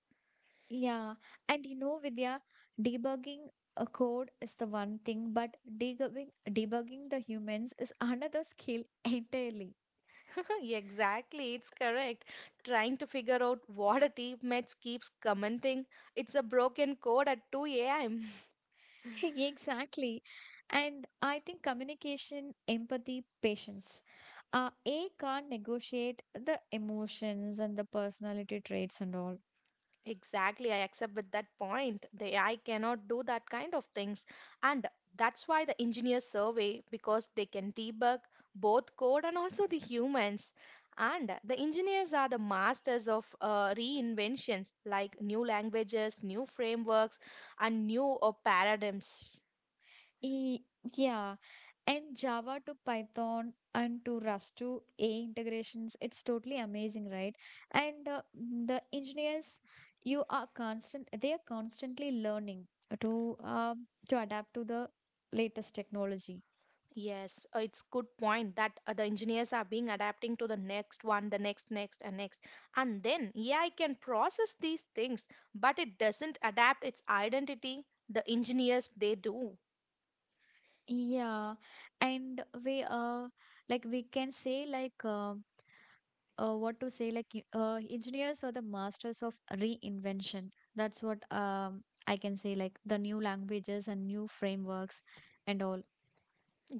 Speaker 1: Yeah. And you know, Vidya, debugging a code is the one thing, but debugging the humans is another skill entirely.
Speaker 2: Exactly, it's correct. Trying to figure out what a teammate keeps commenting, it's a broken code at 2 a.m.
Speaker 1: Exactly. And I think communication, empathy, patience. A can't negotiate the emotions and the personality traits and all.
Speaker 2: Exactly, I accept with that point. The AI cannot do that kind of things. And that's why the engineers survey, because they can debug both code and also the humans. And the engineers are the masters of reinventions like new languages, new frameworks, and new paradigms.
Speaker 1: E Yeah. And Java to Python and to Rust to A integrations, it's totally amazing, right? And the engineers, they are constantly learning to adapt to the latest technology.
Speaker 2: Yes, it's good point that the engineers are being adapting to the next one, the next, next, and next. And then AI can process these things, but it doesn't adapt its identity. The engineers, they do.
Speaker 1: Yeah, and we like we can say like what to say like y- engineers are the masters of reinvention. That's what I can say, like the new languages and new frameworks and all.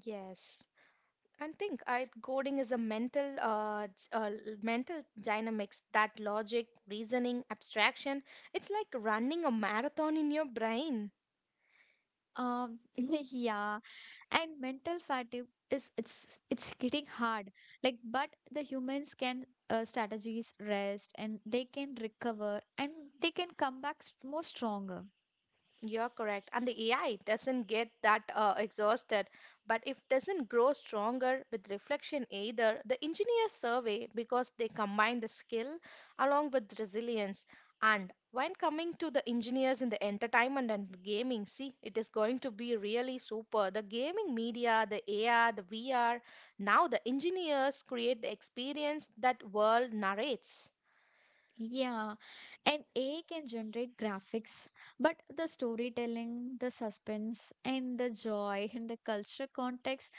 Speaker 2: Yes. And think I coding is a mental mental dynamics that logic, reasoning, abstraction. It's like running a marathon in your brain.
Speaker 1: Um yeah, and mental fatigue is it's getting hard. Like but the humans can strategies rest and they can recover and they can come back s more stronger.
Speaker 2: You're correct. And the AI doesn't get that exhausted, but it doesn't grow stronger with reflection either. The engineers survey because they combine the skill along with resilience. And when coming to the engineers in the entertainment and gaming, see, it is going to be really super. The gaming media, the AR, the VR, now the engineers create the experience that world narrates.
Speaker 1: Yeah, and AI can generate graphics, but the storytelling, the suspense, and the joy, and the culture context,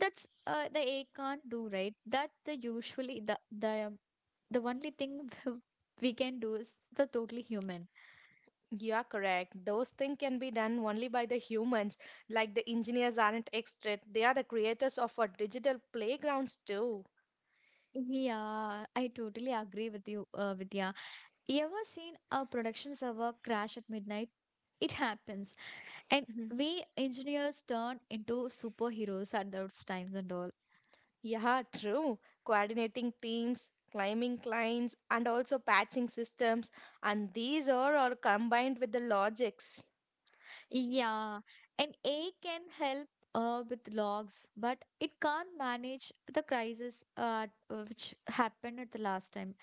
Speaker 1: that's the AI can't do, right? That the usually the only thing we can do is the totally human.
Speaker 2: You are correct. Those things can be done only by the humans. Like the engineers aren't extra, they are the creators of our digital playgrounds too.
Speaker 1: Yeah, I totally agree with you, Vidya. You ever seen a production server crash at midnight? It happens, and
Speaker 2: Mhm.
Speaker 1: we engineers turn into superheroes at those times and all.
Speaker 2: Yeah, true. Coordinating teams, climbing clients, and also patching systems, and these are all combined with the logics.
Speaker 1: Yeah, an A can help with logs, but it can't manage the crisis which happened at the last time,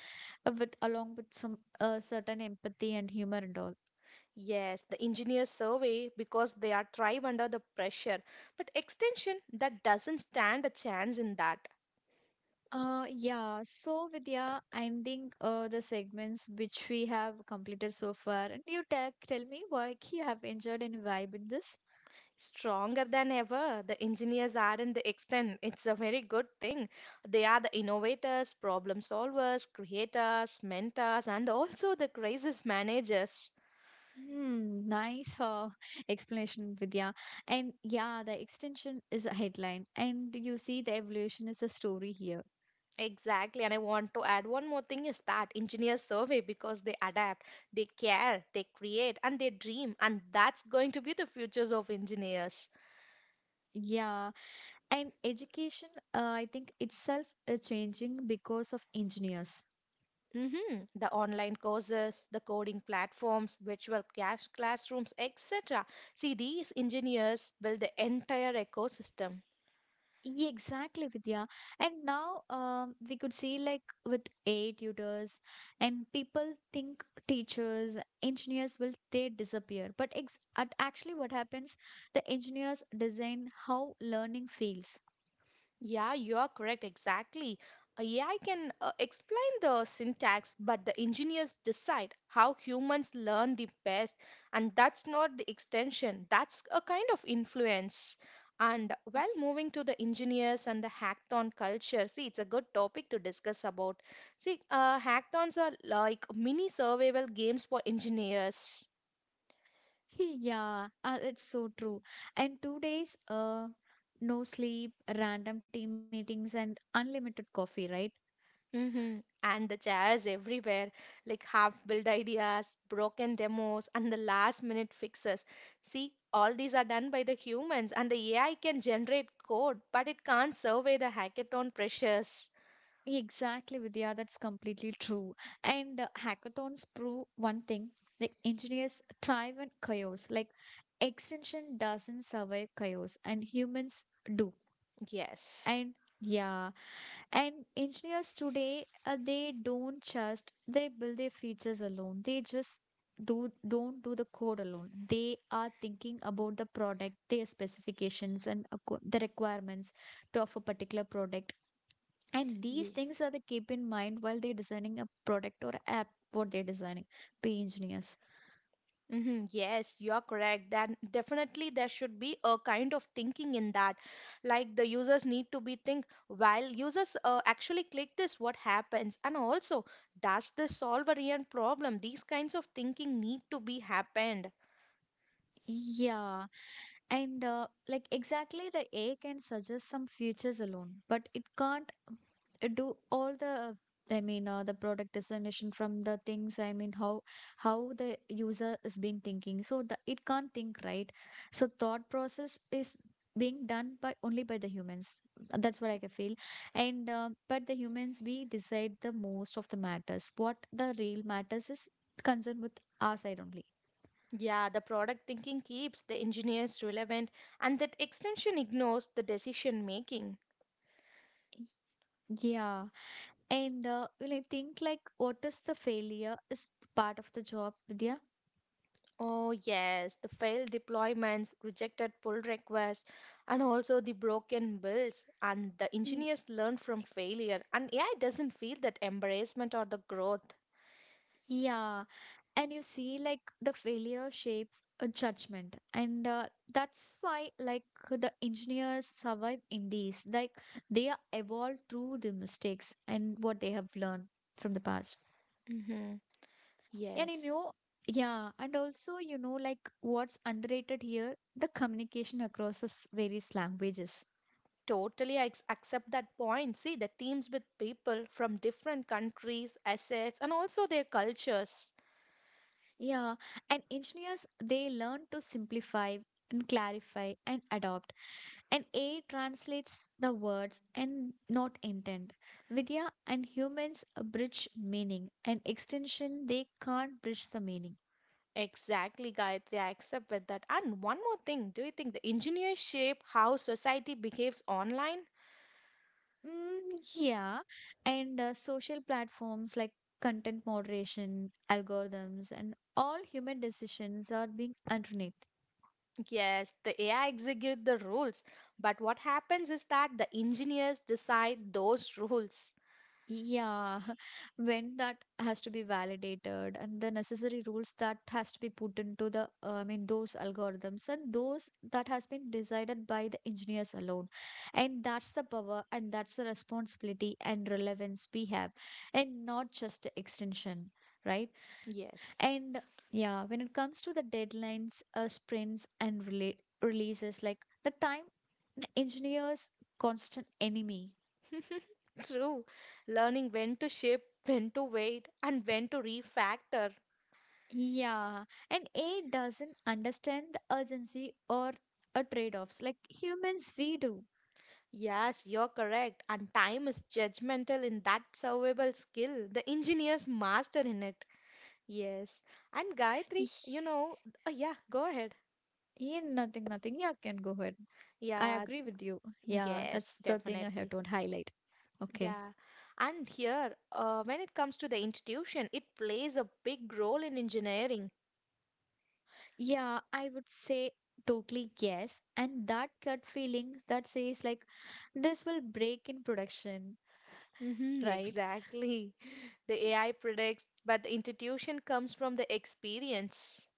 Speaker 1: with along with some certain empathy and humor and all.
Speaker 2: Yes, the engineers survey because they are thrive under the pressure. But extension that doesn't stand a chance in that.
Speaker 1: Yeah, so Vidya, ending the segments which we have completed so far, and you tell me what you have enjoyed and vibe in this.
Speaker 2: Stronger than ever, the engineers aren't the extent. It's a very good thing. They are the innovators, problem solvers, creators, mentors, and also the crisis managers.
Speaker 1: Hmm, nice explanation, Vidya. And yeah, the extension is a headline, and you see the evolution is a story here.
Speaker 2: Exactly, and I want to add one more thing is that engineers survey because they adapt, they care, they create, and they dream, and that's going to be the futures of engineers.
Speaker 1: Yeah, and education, I think itself is changing because of engineers.
Speaker 2: Mhm. The online courses, the coding platforms, classrooms, etc. See, these engineers build the entire ecosystem.
Speaker 1: Yeah, exactly, Vidya. And now we could see like with AI tutors, and people think teachers, engineers will they disappear. But ex at actually, what happens? The engineers design how learning feels.
Speaker 2: Yeah, you are correct, exactly. A AI can explain the syntax, but the engineers decide how humans learn the best, and that's not the extension, that's a kind of influence. And while moving to the engineers and the hackathon culture, see, it's a good topic to discuss about. See, hackathons are like mini survival games for engineers.
Speaker 1: Yeah, it's so true. And two days, no sleep, random team meetings, and unlimited coffee, right?
Speaker 2: Hmm. And the chairs everywhere, like half-built ideas, broken demos, and the last-minute fixes. See, all these are done by the humans, and the AI can generate code, but it can't survey the hackathon pressures.
Speaker 1: Exactly, Vidya, that's completely true. And hackathons prove one thing, the engineers thrive in chaos. Like extension doesn't survive chaos, and humans do.
Speaker 2: Yes.
Speaker 1: And yeah, and engineers today they don't just they build their features alone, they just do don't do the code alone, they are thinking about the product, their specifications and the requirements to of a particular product, and these things are they keep in mind while they're designing a product or app what they're designing be engineers.
Speaker 2: Mhm. Yes, you're correct. Then definitely there should be a kind of thinking in that. Like the users need to be think while users actually click this, what happens? And also, does this solve a real problem? These kinds of thinking need to be happened.
Speaker 1: Yeah, and like exactly the A can suggest some features alone, but it can't do all the, I mean the product designation from the things, I mean how the user is been thinking, so the it can't think right, so thought process is being done by only by the humans, that's what I can feel. And but the humans we decide the most of the matters what the real matters is concerned with our side only.
Speaker 2: Yeah, the product thinking keeps the engineers relevant, and that extension ignores the decision making.
Speaker 1: Yeah, and when I think like what is the failure is part of the job, Vidya.
Speaker 2: Oh, yes, the failed deployments, rejected pull requests, and also the broken builds. And the
Speaker 1: Y-
Speaker 2: engineers learn from failure, and AI doesn't feel that embarrassment or the growth.
Speaker 1: yeah, and you see like the failure shapes a judgment and that's why like the engineers survive in these, like they are evolved through the mistakes and what they have learned from the past.
Speaker 2: Hmm.
Speaker 1: And you
Speaker 2: Yes,
Speaker 1: know, yeah, and also you know like what's underrated here, the communication across various languages.
Speaker 2: totally. Accept that point. See, the teams with people from different countries, assets, and also their cultures.
Speaker 1: Yeah, and engineers they learn to simplify and clarify and adopt, and AI translates the words and not intent. Vidya and humans bridge meaning, and extension they can't bridge the meaning.
Speaker 2: Exactly, Gayatri. I accept with that. And one more thing, do you think the engineers shape how society behaves online?
Speaker 1: Mm, yeah, and social platforms like content moderation, algorithms, and all human decisions are being underneath.
Speaker 2: Yes, the AI execute the rules, but what happens is that the engineers decide those rules.
Speaker 1: Yeah, when that has to be validated and the necessary rules that has to be put into those algorithms and those that has been decided by the engineers alone. And that's the power and that's the responsibility and relevance we have, and not just extension, right?
Speaker 2: Yes.
Speaker 1: And yeah, when it comes to the deadlines, sprints, and relate releases, like the time, the engineers' constant enemy.
Speaker 2: True. Learning when to ship, when to wait, and when to refactor.
Speaker 1: Yeah, and AI doesn't understand the urgency or a trade-offs like humans we do.
Speaker 2: Yes, you're correct. And time is judgmental in that survival skill. The engineers master in it. Yes. And
Speaker 1: Ye-
Speaker 2: Gayatri, you know, oh yeah, go ahead.
Speaker 1: Yeah, nothing. Yeah, can go ahead. I
Speaker 2: Yeah,
Speaker 1: agree with you. Yeah,
Speaker 2: yes,
Speaker 1: that's the thing I have
Speaker 2: definitely.
Speaker 1: to highlight. Okay.
Speaker 2: Yeah, and here, when it comes to the institution, it plays a big role in engineering.
Speaker 1: Yeah, I would say totally yes. And that gut feeling that says like this will break in production,
Speaker 2: Hmm,
Speaker 1: right?
Speaker 2: exactly. The AI predicts, but the institution comes from the experience.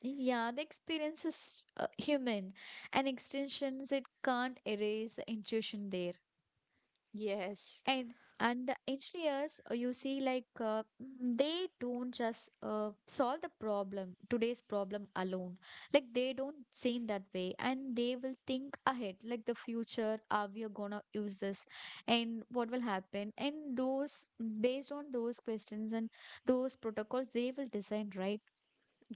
Speaker 1: Yeah, the experience is human, and extensions it can't erase the intuition there.
Speaker 2: Yes.
Speaker 1: and and the engineers you see like, they don't just solve the problem today's problem alone, like they don't think that way, and they will think ahead like the future, are we are gonna use this, and what will happen, and those, based on those questions and those protocols they will design, right?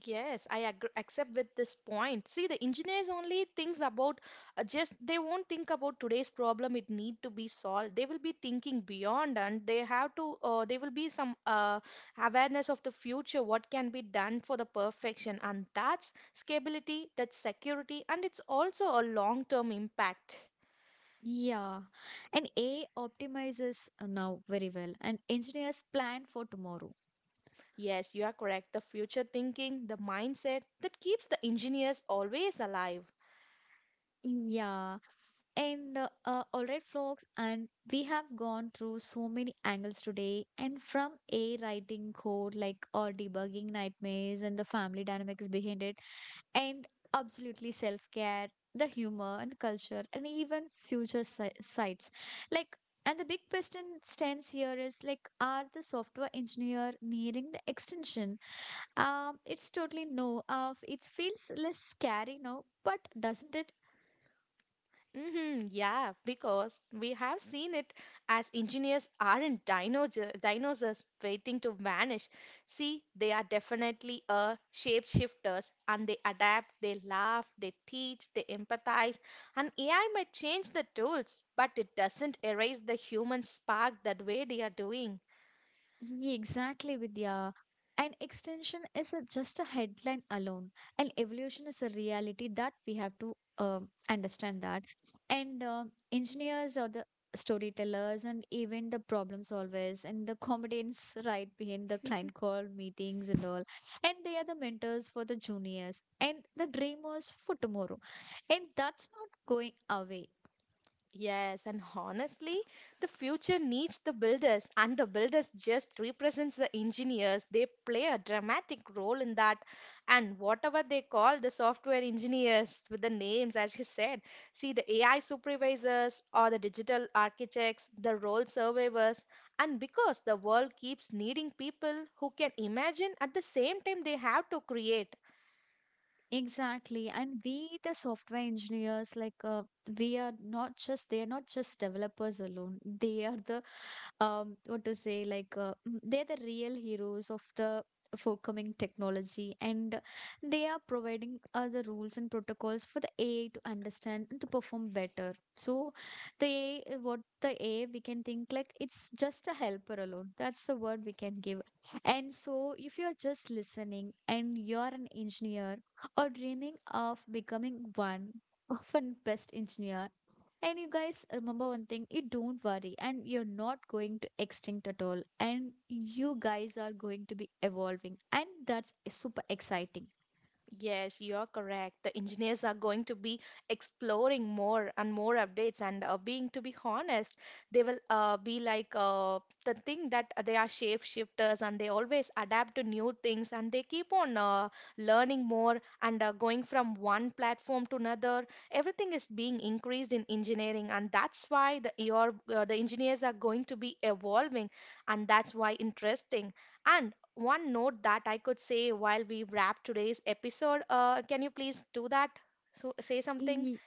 Speaker 2: Yes, I agree, accept with this point. See, the engineers only thinks about just they won't think about today's problem. It need to be solved. They will be thinking beyond, and they have to. They will be some awareness of the future. What can be done for the perfection, and that's scalability, that's security, and it's also a long-term impact.
Speaker 1: Yeah, and a I optimizes now very well, and engineers plan for tomorrow.
Speaker 2: Yes, you are correct. The future thinking, the mindset that keeps the engineers always alive.
Speaker 1: Yeah. And all right, folks, and we have gone through so many angles today, and from a writing code like or debugging nightmares and the family dynamics behind it, and absolutely self care, the humor and culture, and even sites. Like, and the big question stands here is like, are the software engineer nearing the extension? It's totally no. It feels less scary now, but doesn't it?
Speaker 2: Hmm, yeah, because we have seen it as engineers aren't dinosaurs, dinosaurs waiting to vanish. See, they are definitely a shapeshifters and they adapt, they laugh, they teach, they empathize. And AI might change the tools, but it doesn't erase the human spark that way they are doing.
Speaker 1: Exactly, Vidya. An extension is a, just a headline alone. An evolution is a reality that we have to understand that. And Engineers or the storytellers and even the problem solvers and the comedians right behind the client call meetings and all. And they are the mentors for the juniors and the dreamers for tomorrow. And that's not going away.
Speaker 2: Yes, and honestly, the future needs the builders, and the builders just represents the engineers. They play a dramatic role in that, and whatever they call the software engineers with the names, as you said, see the AI supervisors or the digital architects, the role surveyors, and because the world keeps needing people who can imagine at the same time they have to create.
Speaker 1: Exactly. And we, the software engineers, like, we are not just, they are not just developers alone. They are the what to say like mm, they're the real heroes of the forthcoming technology, and they are providing the rules and protocols for the AI to understand and to perform better. So the AI, we can think like it's just a helper alone. That's the word we can give. And so if you are just listening and you're an engineer or dreaming of becoming one of an best engineer, and you guys remember one thing, you don't worry, and you're not going to extinct at all. And you guys are going to be evolving, and that's super exciting.
Speaker 2: Yes, you're correct. The engineers are going to be exploring more and more updates, and being to be honest, they will be like the thing that they are shapeshifters and they always adapt to new things and they keep on learning more and going from one platform to another. Everything is being increased in engineering, and that's why the your the engineers are going to be evolving, and that's why interesting. And one note that I could say while we wrap today's episode. Can you please do that? So say something.
Speaker 1: Ye-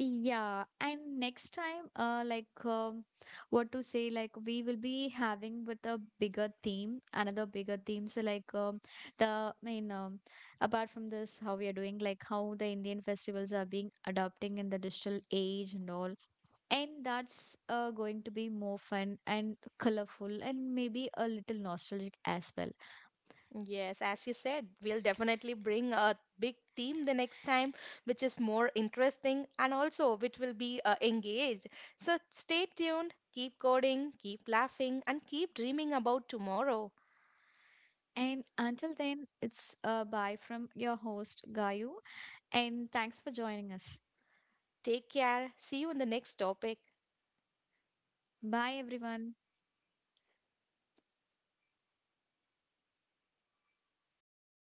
Speaker 1: Yeah, and next time, like, what to say, like, we will be having with bigger theme, another bigger theme. The, I mean, um, apart from this, how we are doing, like, how the Indian festivals are being adapting in the digital age and all, and that's going to be more fun and colorful and maybe a little nostalgic as well.
Speaker 2: Yes, as you said, we'll definitely bring a big theme the next time, which is more interesting and also which will be engaged. So stay tuned, keep coding, keep laughing, and keep dreaming about tomorrow.
Speaker 1: And until then, it's bye from your host, Gayu, and thanks for joining us.
Speaker 2: Take care. See you in the next topic.
Speaker 1: Bye, everyone.